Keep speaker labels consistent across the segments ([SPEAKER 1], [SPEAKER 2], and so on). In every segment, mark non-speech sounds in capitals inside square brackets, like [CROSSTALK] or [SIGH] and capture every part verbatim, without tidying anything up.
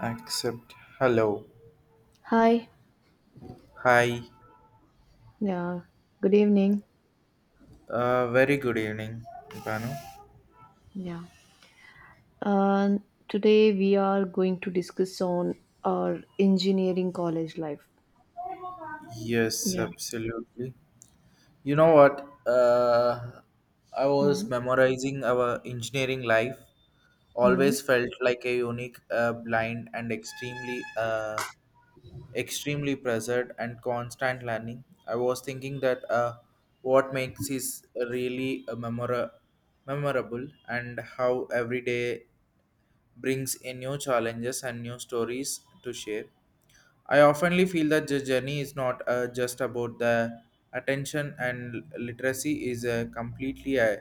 [SPEAKER 1] Accept. Hello.
[SPEAKER 2] Hi,
[SPEAKER 1] Hi.
[SPEAKER 2] yeah, good evening.
[SPEAKER 1] Uh, very good evening, Banu.
[SPEAKER 2] Yeah. Uh, Today we are going to discuss on our engineering college life.
[SPEAKER 1] Yes,
[SPEAKER 2] Yeah.
[SPEAKER 1] absolutely. You know what? Uh, I was
[SPEAKER 2] Hmm.
[SPEAKER 1] memorizing our engineering life. Always felt like a unique, uh, blind, and extremely, uh, extremely pressured and constant learning. I was thinking that uh, what makes is really a memora- memorable and how every day brings in new challenges and new stories to share. I oftenly feel that the journey is not uh, just about the attention and literacy is uh, completely uh,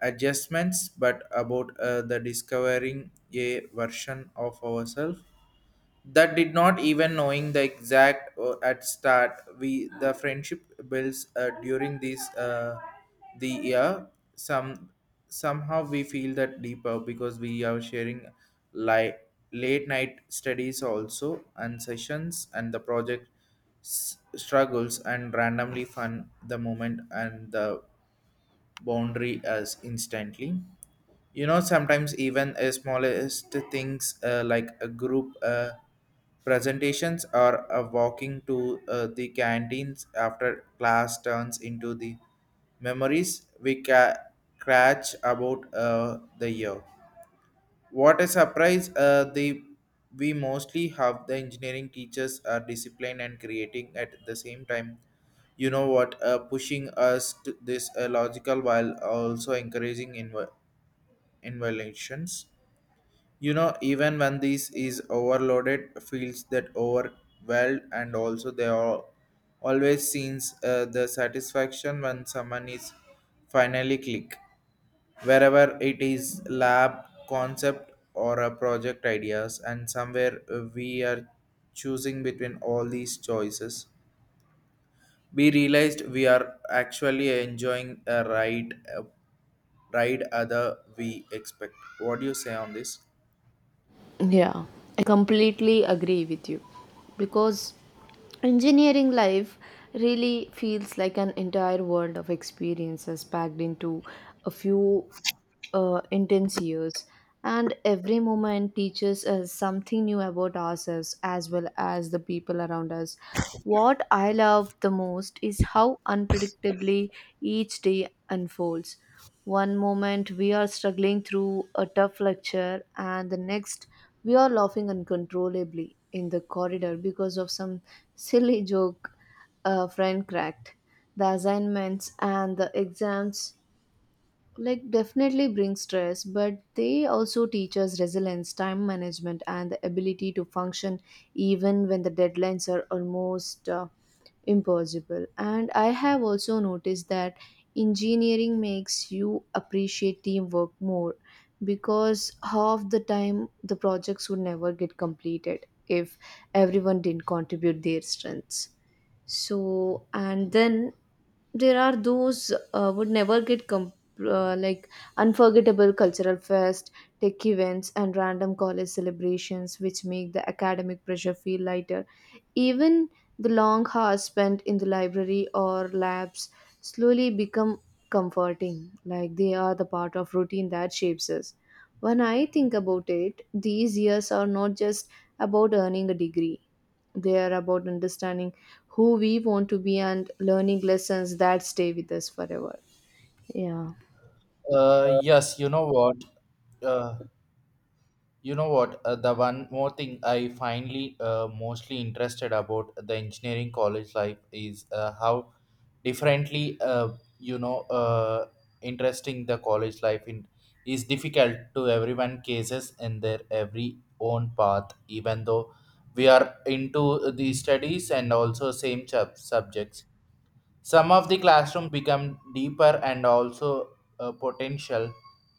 [SPEAKER 1] adjustments, but about uh, the discovering a version of ourselves that did not even knowing the exact uh, at start we the friendship builds uh, during this uh, the year some somehow we feel that deeper because we are sharing like late night studies also and sessions and the project s- struggles and randomly fun the moment and the boundary as instantly. You know, sometimes even the smallest things, uh, like a group uh, presentations or a walking to uh, the canteens after class turns into the memories we ca- catch about uh, the year. What a surprise! Uh, the We mostly have the engineering teachers are disciplined and creating at the same time. You know what? Uh, pushing us to this uh, logical while also encouraging inv- involutions. You know, even when this is overloaded, feels that overwhelmed, and also they are always seems uh, the satisfaction when someone is finally click. Wherever it is lab concept or a project ideas, and somewhere uh, we are choosing between all these choices. We realized we are actually enjoying a ride, a ride other we expect. What do you say on this?
[SPEAKER 2] Yeah, I completely agree with you because engineering life really feels like an entire world of experiences packed into a few uh, intense years, and every moment teaches us something new about ourselves as well as the people around us. What I love the most is how unpredictably each day unfolds. One moment we are struggling through a tough lecture, and the next we are laughing uncontrollably in the corridor because of some silly joke a friend cracked. The assignments and the exams like definitely bring stress, but they also teach us resilience, time management, and the ability to function even when the deadlines are almost uh, impossible. And I have also noticed that engineering makes you appreciate teamwork more because half the time the projects would never get completed if everyone didn't contribute their strengths. So, and then there are those uh, would never get com uh, like unforgettable cultural fest, tech events, and random college celebrations, which make the academic pressure feel lighter. Even the long hours spent in the library or labs slowly become comforting, like they are the part of routine that shapes us. When I think about it, these years are not just about earning a degree, they are about understanding who we want to be and learning lessons that stay with us forever. Yeah.
[SPEAKER 1] Uh, yes, you know what? Uh, you know what? Uh, the one more thing I finally uh, mostly interested about the engineering college life is uh, how differently, uh, you know, uh, interesting the college life in is difficult to everyone cases in their every own path, even though we are into the studies and also same sub- subjects. Some of the classroom become deeper and also uh, potential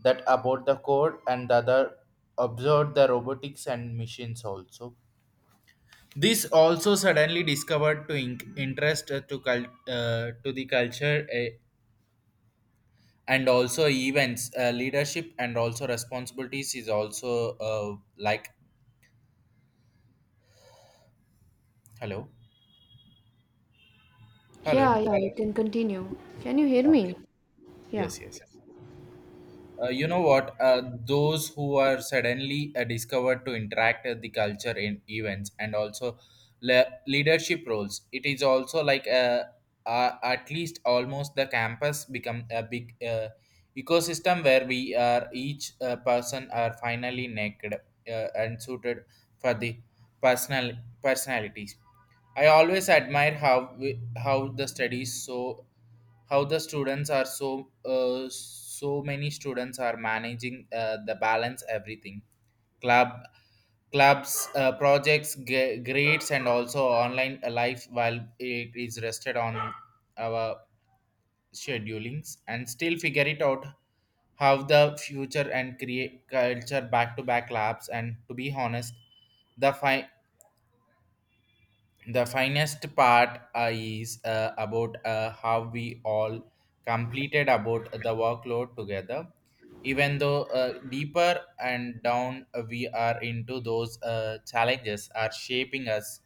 [SPEAKER 1] that about the code and the other observed the robotics and machines also. This also suddenly discovered to in- interest uh, to cul- uh, to the culture eh, and also events, uh, leadership and also responsibilities is also uh, like hello, hello.
[SPEAKER 2] Yeah, yeah, you can continue. Can you hear
[SPEAKER 1] Okay.
[SPEAKER 2] me? Yeah.
[SPEAKER 1] Yes, yes, yes. Uh, you know what? Uh, those who are suddenly uh, discovered to interact at the culture in events and also le- leadership roles. It is also like uh, uh, at least almost the campus become a big uh, ecosystem where we are each uh, person are finally naked uh, and suited for the personal personalities. I always admire how we, how the studies so how the students are so uh, so many students are managing uh, the balance everything club clubs, uh, projects, g- grades and also online life while it is rested on our schedulings and still figure it out how the future and create culture back to back labs, and to be honest the fi- the finest part uh, is uh, about uh, how we all completed about the workload together, even though uh, deeper and down we are into those uh, challenges are shaping us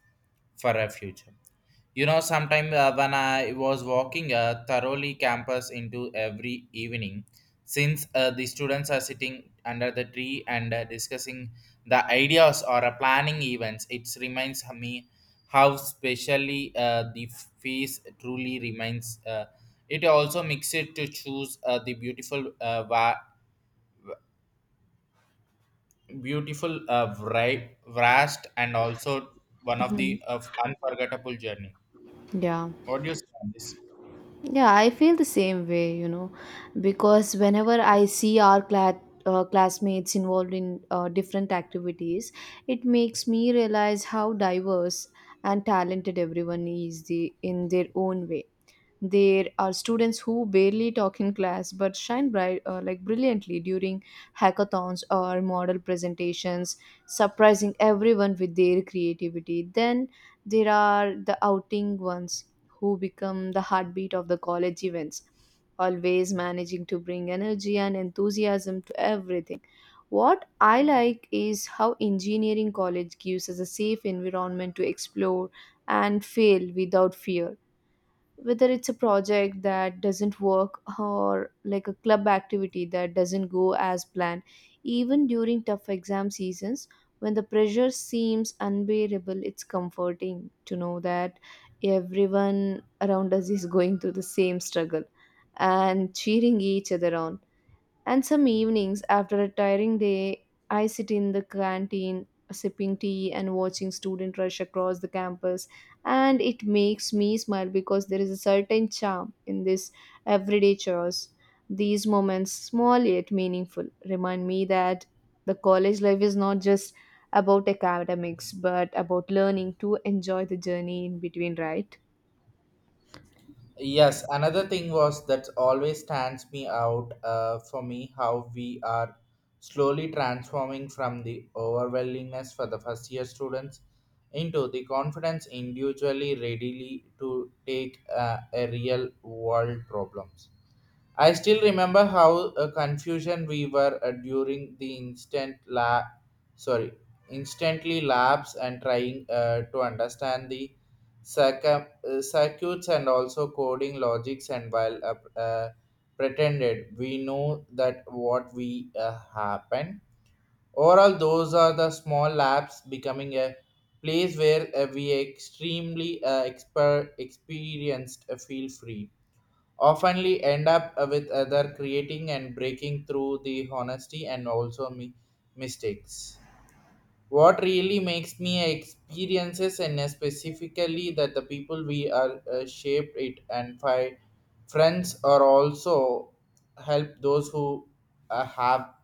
[SPEAKER 1] for a future. You know, sometime uh, when I was walking uh, thoroughly campus into every evening, since uh, the students are sitting under the tree and uh, discussing the ideas or uh, planning events, it reminds me how specially uh, the feast truly remains. Uh, it also makes it to choose uh, the beautiful, uh, va- beautiful, uh, vri- vast, and also one of
[SPEAKER 2] Mhm.
[SPEAKER 1] the uh, unforgettable journey.
[SPEAKER 2] Yeah.
[SPEAKER 1] What do you say on this?
[SPEAKER 2] Yeah, I feel the same way, you know, because whenever I see our class, uh, classmates involved in uh, different activities, it makes me realize how diverse and talented everyone is, the, in their own way. There are students who barely talk in class but shine bright, uh, like brilliantly during hackathons or model presentations, surprising everyone with their creativity. Then there are the outing ones who become the heartbeat of the college events, always managing to bring energy and enthusiasm to everything. What I like is how engineering college gives us a safe environment to explore and fail without fear, whether it's a project that doesn't work or like a club activity that doesn't go as planned. Even during tough exam seasons, when the pressure seems unbearable, it's comforting to know that everyone around us is going through the same struggle and cheering each other on. And some evenings, after a tiring day, I sit in the canteen sipping tea and watching student rush across the campus, and it makes me smile because there is a certain charm in this everyday chores. These moments, small yet meaningful, remind me that the college life is not just about academics but about learning to enjoy the journey in between, right?
[SPEAKER 1] Yes, another thing was that always stands me out uh, for me how we are slowly transforming from the overwhelmingness for the first year students into the confidence individually readily to take uh, a real world problems. I still remember how uh, confusion we were uh, during the instant la sorry instantly labs and trying uh, to understand the circum- uh, circuits and also coding logics, and while uh, uh, pretended we know that what we uh, happen. Overall those are the small labs becoming a place where uh, we extremely uh, exper- experienced uh, feel free, oftenly end up uh, with other creating and breaking through the honesty and also mi- mistakes. What really makes me experiences and specifically that the people we are uh, shaped it and find friends are also help those who uh, have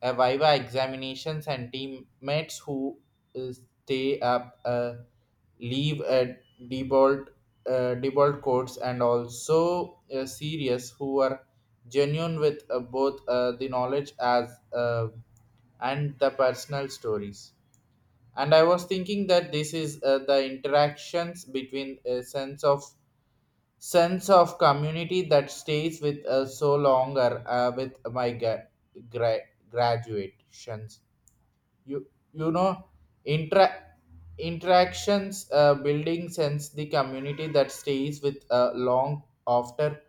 [SPEAKER 1] a viva examinations and teammates who uh, stay up uh, leave a default, uh, default codes and also uh, serious who are genuine with uh, both uh, the knowledge as uh, and the personal stories. And I was thinking that this is uh, the interactions between a sense of sense of community that stays with us so longer uh, with my gra- gra- graduations. You you know, intra- interactions uh, building sense the community that stays with uh, long after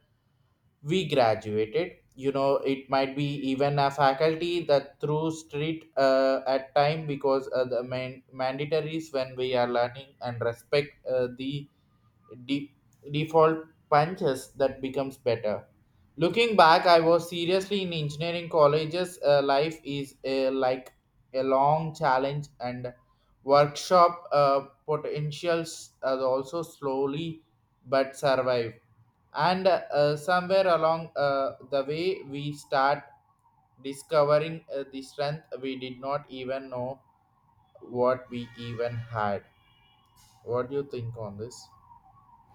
[SPEAKER 1] we graduated. You know, it might be even a faculty that through street uh, at time because uh, the main mandatories when we are learning and respect uh, the de- default punches that becomes better. Looking back, I was seriously in engineering colleges. Uh, life is a, like a long challenge, and workshop, uh, potentials are also slowly but survive. And uh, somewhere along uh, the way, we start discovering uh, the strength we did not even know what we even had. What do you think on this?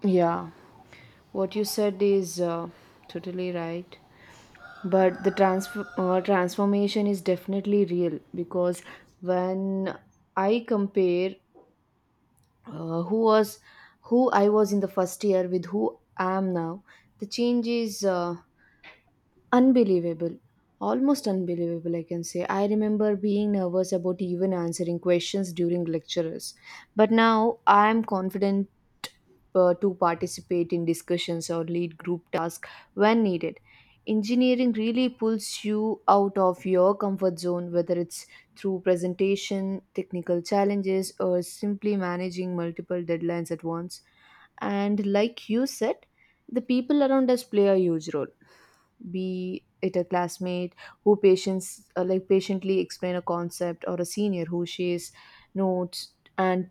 [SPEAKER 2] Yeah, what you said is uh, totally right. But the transfer uh, transformation is definitely real, because when i compare uh, who was who I was in the first year with who I am now, the change is uh, unbelievable. Almost unbelievable, I can say. I remember being nervous about even answering questions during lectures. But now I am confident uh, to participate in discussions or lead group tasks when needed. Engineering really pulls you out of your comfort zone, whether it's through presentation, technical challenges, or simply managing multiple deadlines at once. And like you said, the people around us play a huge role, be it a classmate who patients uh, like patiently explain a concept, or a senior who shares notes and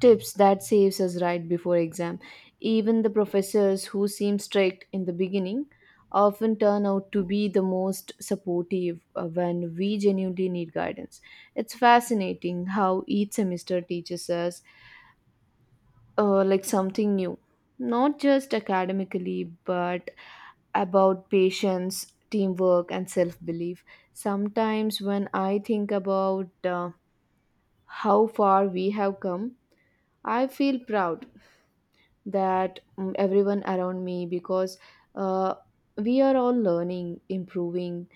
[SPEAKER 2] tips that saves us right before exam. Even the professors who seem strict in the beginning often turn out to be the most supportive uh, when we genuinely need guidance. It's fascinating how each semester teaches us uh, like something new, not just academically, but about patience, teamwork, and self belief. Sometimes, when I think about uh, how far we have come, I feel proud that mm, everyone around me, because uh, we are all learning, improving,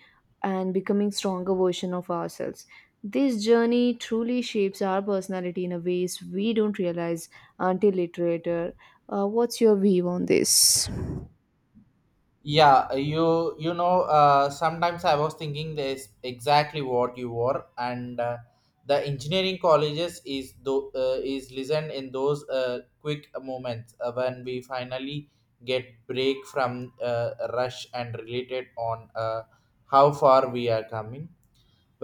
[SPEAKER 2] and becoming stronger version of ourselves. This journey truly shapes our personality in a ways we don't realize until it later. Uh, what's your view on this?
[SPEAKER 1] Yeah, you you know, uh, sometimes I was thinking this exactly what you were, and uh, the engineering colleges is do uh, is listened in those uh, quick moments uh, when we finally get break from uh, rush and related on uh, how far we are coming,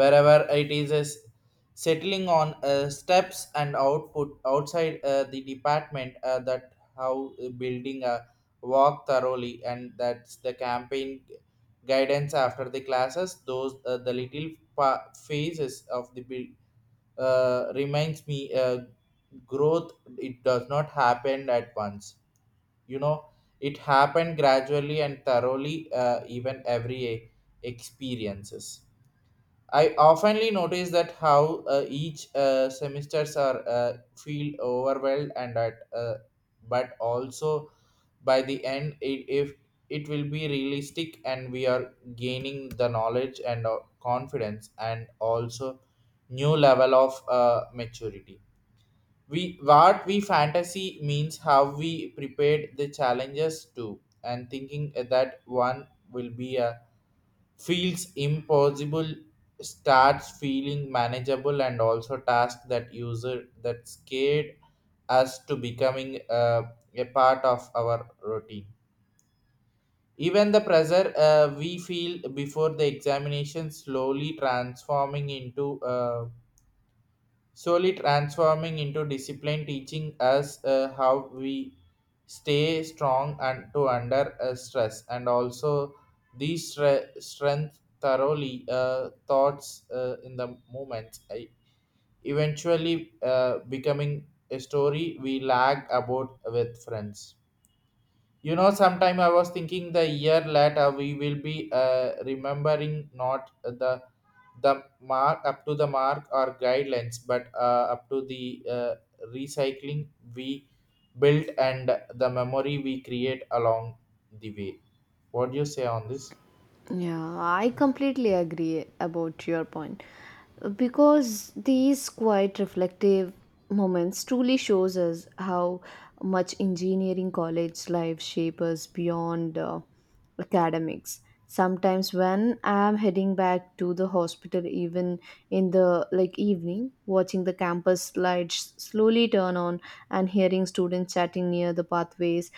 [SPEAKER 1] wherever it is is settling on uh, steps and output outside uh, the department uh, that how uh, building a walk thoroughly, and that's the campaign guidance after the classes, those uh, the little pa- phases of the build uh, reminds me uh, growth. It does not happen at once, you know. It happened gradually and thoroughly uh, even every uh, experiences. I oftenly notice that how uh, each uh, semesters are uh, feel overwhelmed and at uh, but also by the end it, if it will be realistic and we are gaining the knowledge and uh, confidence and also new level of uh, maturity. We what we fantasy means how we prepared the challenges to and thinking that one will be a feels impossible starts feeling manageable, and also tasks that user that scared us to becoming uh, a part of our routine. Even the pressure uh, we feel before the examination slowly transforming into uh, slowly transforming into discipline, teaching us uh, how we stay strong and to under uh, stress, and also these stre- strength thoroughly uh, thoughts uh, in the moment, I- eventually uh, becoming a story we lag about with friends. You know, sometime I was thinking the year later we will be uh, remembering not the the mark up to the mark or guidelines, but uh, up to the uh, recycling we built and the memory we create along the way. What do you say on this?
[SPEAKER 2] Yeah, I completely agree about your point, because these quiet reflective moments truly shows us how much engineering college life shapes us beyond uh, academics. Sometimes when I'm heading back to the hospital even in the like evening, watching the campus lights slowly turn on and hearing students chatting near the pathways,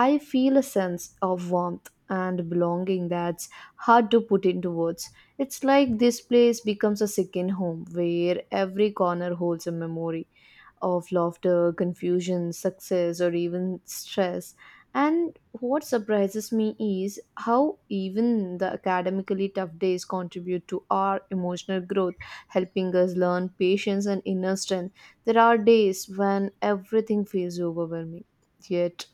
[SPEAKER 2] I feel a sense of warmth and belonging that's hard to put into words. It's like this place becomes a second home where every corner holds a memory of laughter, confusion, success, or even stress. And what surprises me is how even the academically tough days contribute to our emotional growth, helping us learn patience and inner strength. There are days when everything feels overwhelming, yet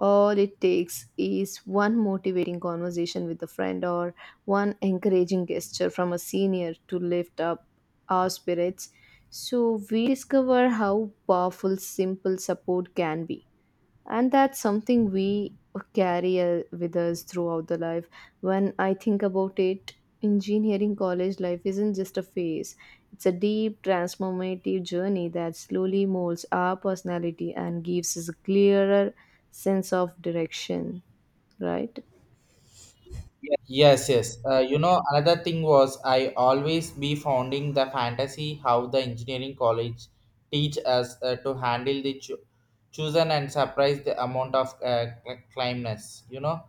[SPEAKER 2] all it takes is one motivating conversation with a friend or one encouraging gesture from a senior to lift up our spirits, so we discover how powerful simple support can be. And that's something we carry uh, with us throughout the life. When I think about it, engineering college life isn't just a phase, it's a deep transformative journey that slowly molds our personality and gives us a clearer sense of direction, right?
[SPEAKER 1] Yes, yes. Uh, you know, another thing was I always be founding the fantasy how the engineering college teach us uh, to handle the cho- chosen and surprise the amount of uh, cl- climbness. You know,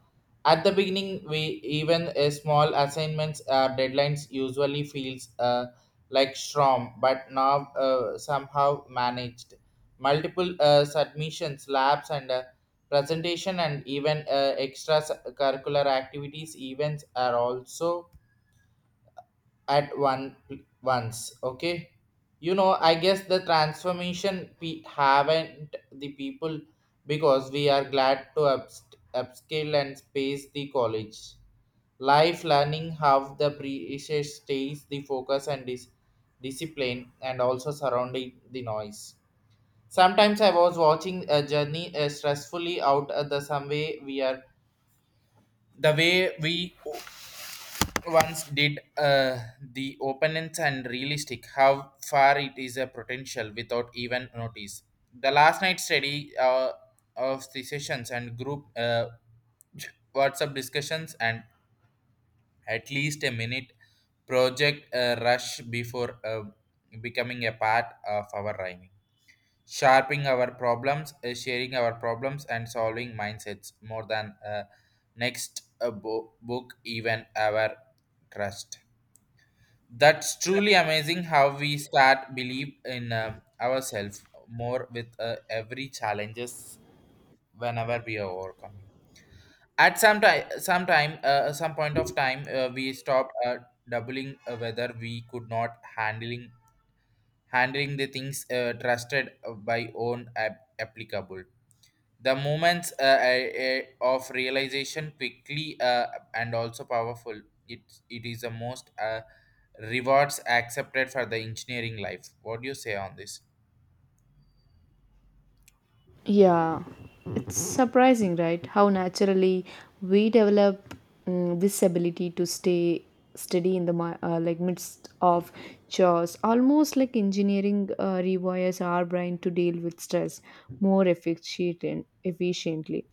[SPEAKER 1] at the beginning, we even a small assignments uh, deadlines usually feels uh, like storm, but now uh, somehow managed multiple uh, submissions, labs, and uh, presentation and even uh, extra s- curricular activities events are also at one once. Okay, you know, I guess the transformation we haven't the people because we are glad to upst- upscale and space the college life, learning how the precious stays the focus and dis- discipline and also surrounding the noise. Sometimes I was watching a journey uh, stressfully out at the some way we are the way we once did uh, the opponents and realistic how far it is a potential without even notice the last night study uh, of the sessions and group uh, WhatsApp discussions and at least a minute project uh, rush before uh, becoming a part of our rhyming, sharping our problems uh, sharing our problems and solving mindsets more than uh, next uh, bo- book even our trust. That's truly amazing how we start believe in uh, ourselves more with uh, every challenges whenever we are overcoming. At some time some time uh, some point of time uh, we stopped uh, doubling uh, whether we could not handling handling the things uh, trusted by own ap- applicable. The moments uh, uh, uh, of realization quickly uh, and also powerful, it it is the most uh, rewards accepted for the engineering life. What do you say on this?
[SPEAKER 2] Yeah, it's surprising, right? How naturally we develop mm, this ability to stay steady in the mi- uh, like midst of chores, almost like engineering uh, rewires our brain to deal with stress more efficient efficiently.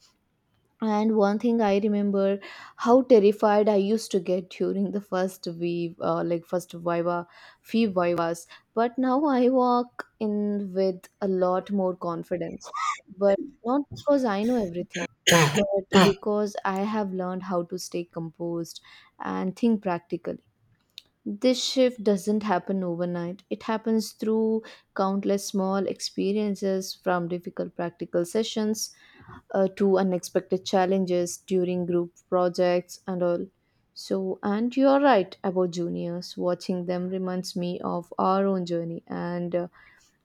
[SPEAKER 2] And one thing, I remember how terrified I used to get during the first wave, uh, like first Viva, few Vivas. But now I walk in with a lot more confidence. But not because I know everything, but because I have learned how to stay composed and think practically. This shift doesn't happen overnight. It happens through countless small experiences, from difficult practical sessions uh, to unexpected challenges during group projects and all. So, and you're right about juniors. Watching them reminds me of our own journey, and uh,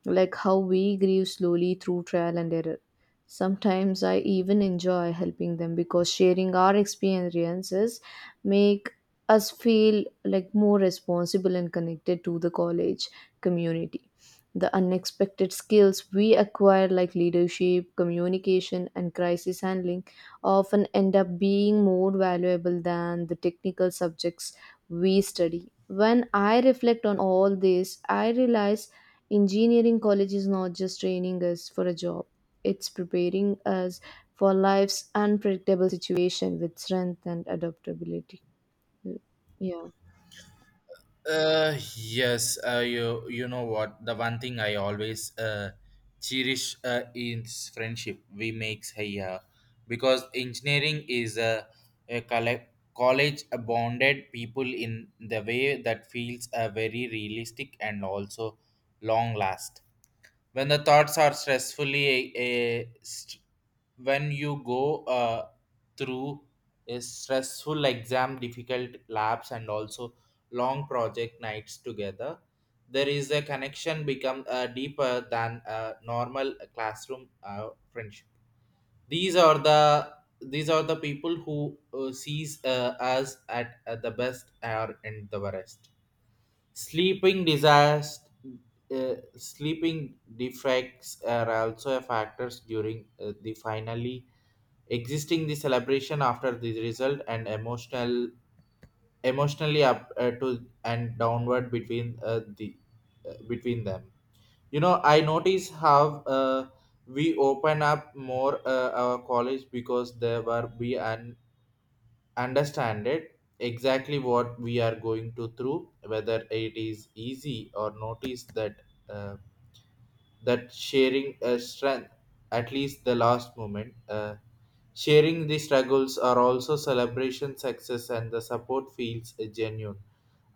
[SPEAKER 2] like how we grew slowly through trial and error. Sometimes I even enjoy helping them because sharing our experiences make us feel like more responsible and connected to the college community. The unexpected skills we acquire like leadership, communication, and crisis handling often end up being more valuable than the technical subjects we study. When I reflect on all this, I realize engineering college is not just training us for a job, it's preparing us for life's unpredictable situation with strength and adaptability. Yeah.
[SPEAKER 1] Uh, yes, uh, you you know what? The one thing I always uh, cherish uh, is friendship we makes here because engineering is a, a colle- college bonded people in the way that feels uh, very realistic and also long lasting when the thoughts are stressfully a, a st- when you go uh, through a stressful exam difficult labs and also long project nights together there is a connection become uh, deeper than a normal classroom uh, friendship. these are the these are the people who uh, sees uh, us at, at the best or in the worst. Sleeping disaster, uh, sleeping defects are also a factors during uh, the finally existing the celebration after the result and emotional emotionally up uh, to and downward between uh, the uh, between them. You know, I notice how uh, we open up more uh, our college because there were we and understand it exactly what we are going to through whether it is easy or notice that uh, that sharing a strength at least the last moment uh, sharing the struggles are also celebration success and the support feels uh, genuine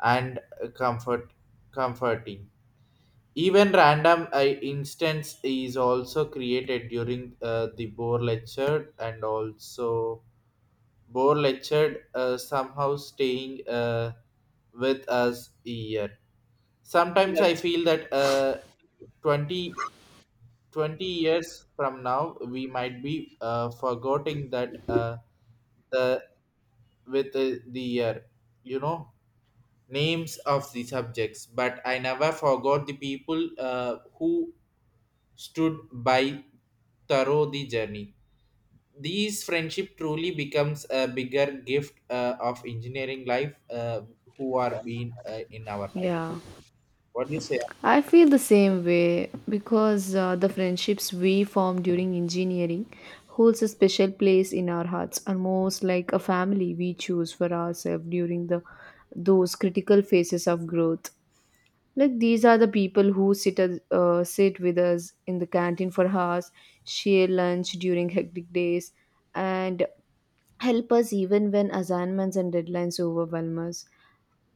[SPEAKER 1] and uh, comfort comforting. Even random uh, instance is also created during uh, the bore lecture and also Bohr lectured, uh, somehow staying uh, with us a year. Sometimes I feel that uh, twenty twenty years from now, we might be uh, forgetting that uh, the with uh, the year, you know, names of the subjects. But I never forgot the people uh, who stood by thorough the journey. These friendship truly becomes a bigger gift uh, of engineering life uh, who are being uh, in our life.
[SPEAKER 2] Yeah,
[SPEAKER 1] What do you say?
[SPEAKER 2] I feel the same way because uh, the friendships we form during engineering holds a special place in our hearts, almost like a family we choose for ourselves during the those critical phases of growth. Like these are the people who sit as, uh, sit with us in the canteen for hours, share lunch during hectic days, and help us even when assignments and deadlines overwhelm us.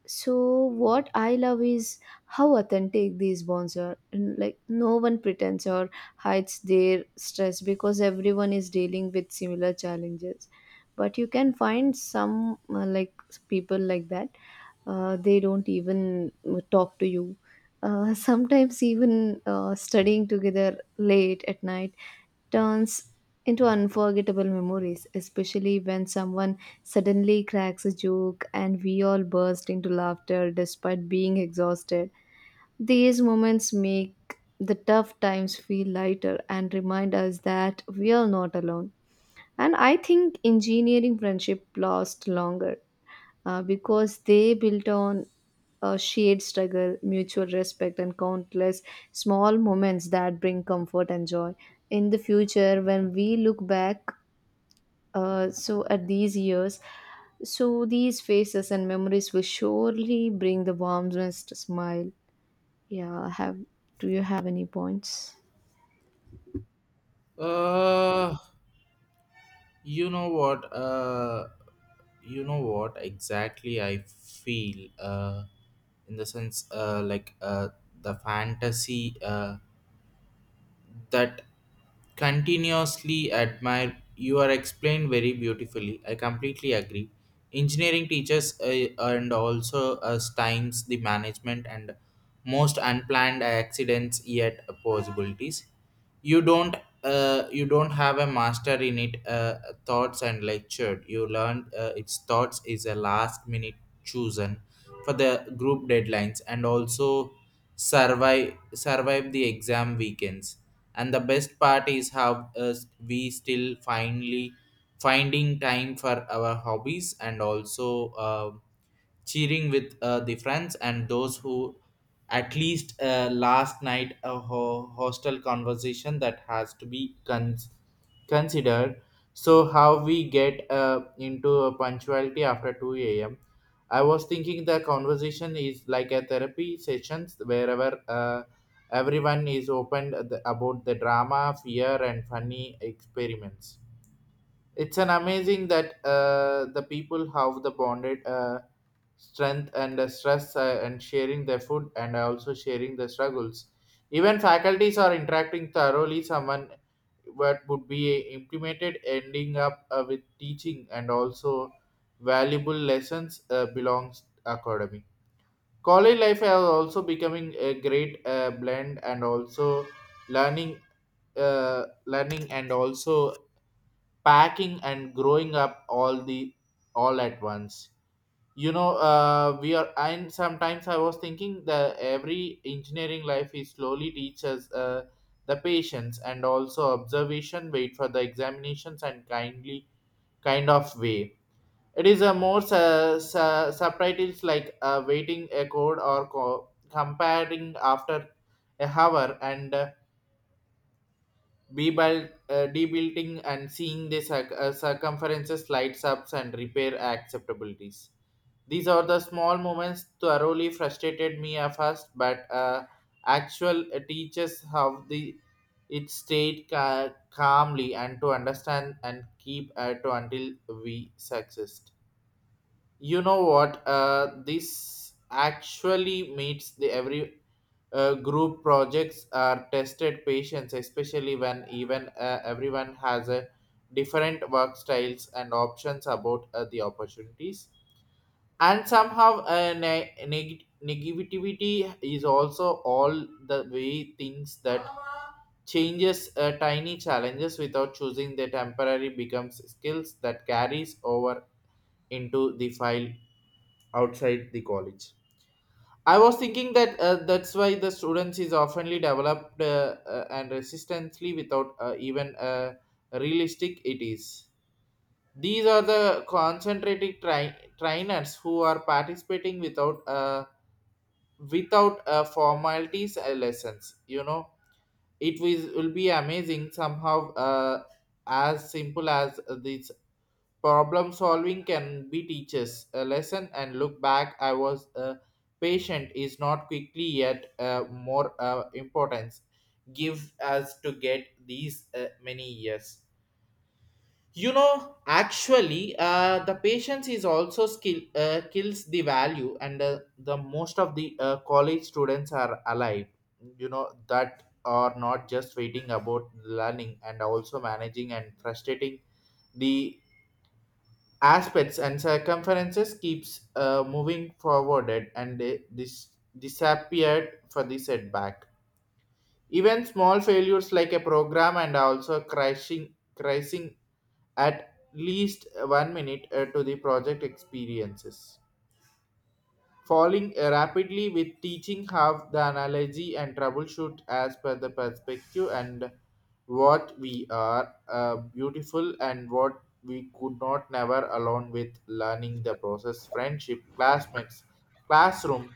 [SPEAKER 2] So what I love is how authentic these bonds are, and like no one pretends or hides their stress because everyone is dealing with similar challenges. But you can find some uh, like people like that, uh, they don't even uh, talk to you. Uh, [LAUGHS] Sometimes even uh, studying together late at night turns into unforgettable memories, especially when someone suddenly cracks a joke and we all burst into laughter despite being exhausted. These moments make the tough times feel lighter and remind us that we are not alone. And I think engineering friendship lasts longer uh, because they built on a shared struggle, mutual respect, and countless small moments that bring comfort and joy. In the future, when we look back, uh, so at these years, so these faces and memories will surely bring the warmest smile. Yeah, have do you have any points?
[SPEAKER 1] uh you know what uh you know what exactly I feel uh in the sense uh like uh the fantasy uh that continuously admire you are explained very beautifully. I completely agree. Engineering teaches uh, and also us times the management and most unplanned accidents yet possibilities. you don't uh, you don't have a master in it uh, thoughts and lectured you learn uh, its thoughts is a last minute chosen for the group deadlines and also survive survive the exam weekends. And the best part is how uh, we still finally finding time for our hobbies and also uh, cheering with uh, the friends and those who at least uh, last night a ho- hostel conversation that has to be cons- considered. So how we get uh, into a punctuality after two a m a.m. I was thinking the conversation is like a therapy sessions wherever uh, everyone is open the- about the drama fear and funny experiments. It's an amazing that uh, the people have the bonded uh, strength and the stress uh, and sharing their food and also sharing the struggles. Even faculties are interacting thoroughly. Someone what would be implemented, ending up uh, with teaching and also valuable lessons uh, belongs academy. College life is also becoming a great uh, blend and also learning, uh, learning and also packing and growing up all the all at once. You know uh, we are and sometimes I was thinking that every engineering life is slowly teaches uh, the patience and also observation wait for the examinations and kindly kind of way. It is a more su- su- subtitles like uh, waiting a code or co- comparing after a hour and uh, be built, uh, debuilding and seeing the circ- uh, circumferences lights ups and repair acceptabilities. These are the small moments thoroughly frustrated me at first, but uh, actual uh, teaches how the it stayed ca- calmly and to understand and keep at until we succeed. You know what? Uh, this actually meets the every uh, group projects are tested patients, especially when even uh, everyone has a different work styles and options about uh, the opportunities. And somehow, uh, ne- neg- negativity is also all the way things that changes uh, tiny challenges without choosing the temporary becomes skills that carries over into the file outside the college. I was thinking that uh, that's why the students is oftenly developed uh, uh, and resistantly without uh, even uh, realistic it is. These are the concentrated tri- trainers who are participating without uh, without uh, formalities uh, lessons. You know, it was, will be amazing somehow uh, as simple as this. Problem solving can be teaches a lesson and look back. I was a patient is not quickly yet uh, more uh, importance give us to get these uh, many years. You know, actually, uh, the patience is also skill uh, kills the value, and uh, the most of the uh, college students are alive. You know that are not just waiting about learning and also managing and frustrating the aspects and circumferences keeps uh, moving forwarded and they dis- disappeared for the setback. Even small failures like a program and also crashing crashing at least one minute uh, to the project experiences. Falling rapidly with teaching half the analogy and troubleshoot as per the perspective and what we are uh, beautiful and what we could not never alone with learning the process friendship classmates classroom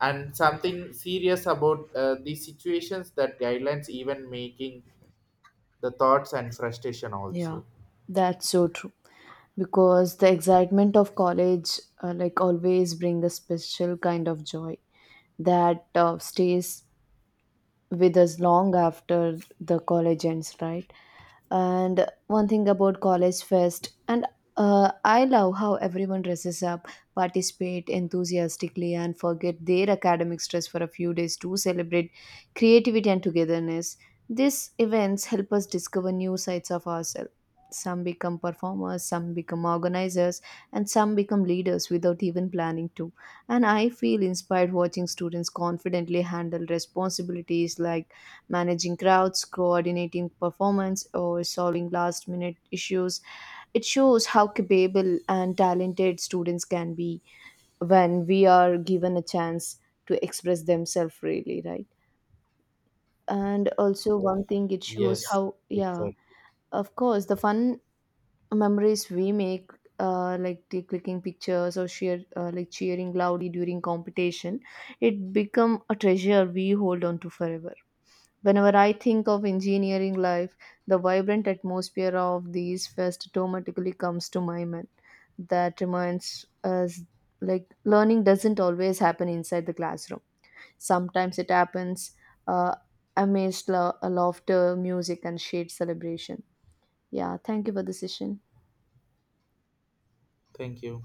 [SPEAKER 1] and something serious about uh, the situations that guidelines even making the thoughts and frustration
[SPEAKER 2] Yeah,
[SPEAKER 1] also.
[SPEAKER 2] that's so true. Because the excitement of college, uh, like always, bring a special kind of joy that uh, stays with us long after the college ends, right? And one thing about college fest and uh, I love how everyone dresses up, participate enthusiastically, and forget their academic stress for a few days to celebrate creativity and togetherness. These events help us discover new sides of ourselves. Some become performers, some become organizers, and some become leaders without even planning to. And I feel inspired watching students confidently handle responsibilities like managing crowds, coordinating performance, or solving last minute issues. It shows how capable and talented students can be when we are given a chance to express themselves freely, right? And also, one thing it shows
[SPEAKER 1] Yes,
[SPEAKER 2] how, yeah,
[SPEAKER 1] exactly.
[SPEAKER 2] of course, the fun memories we make. Uh, like the clicking pictures or share uh, like cheering loudly during competition, it become a treasure we hold on to forever. Whenever I think of engineering life, the vibrant atmosphere of these fest automatically comes to my mind. That reminds us like learning doesn't always happen inside the classroom. Sometimes it happens uh, amidst lo- laughter, music, and shared celebration. Yeah, thank you for the session.
[SPEAKER 1] Thank you.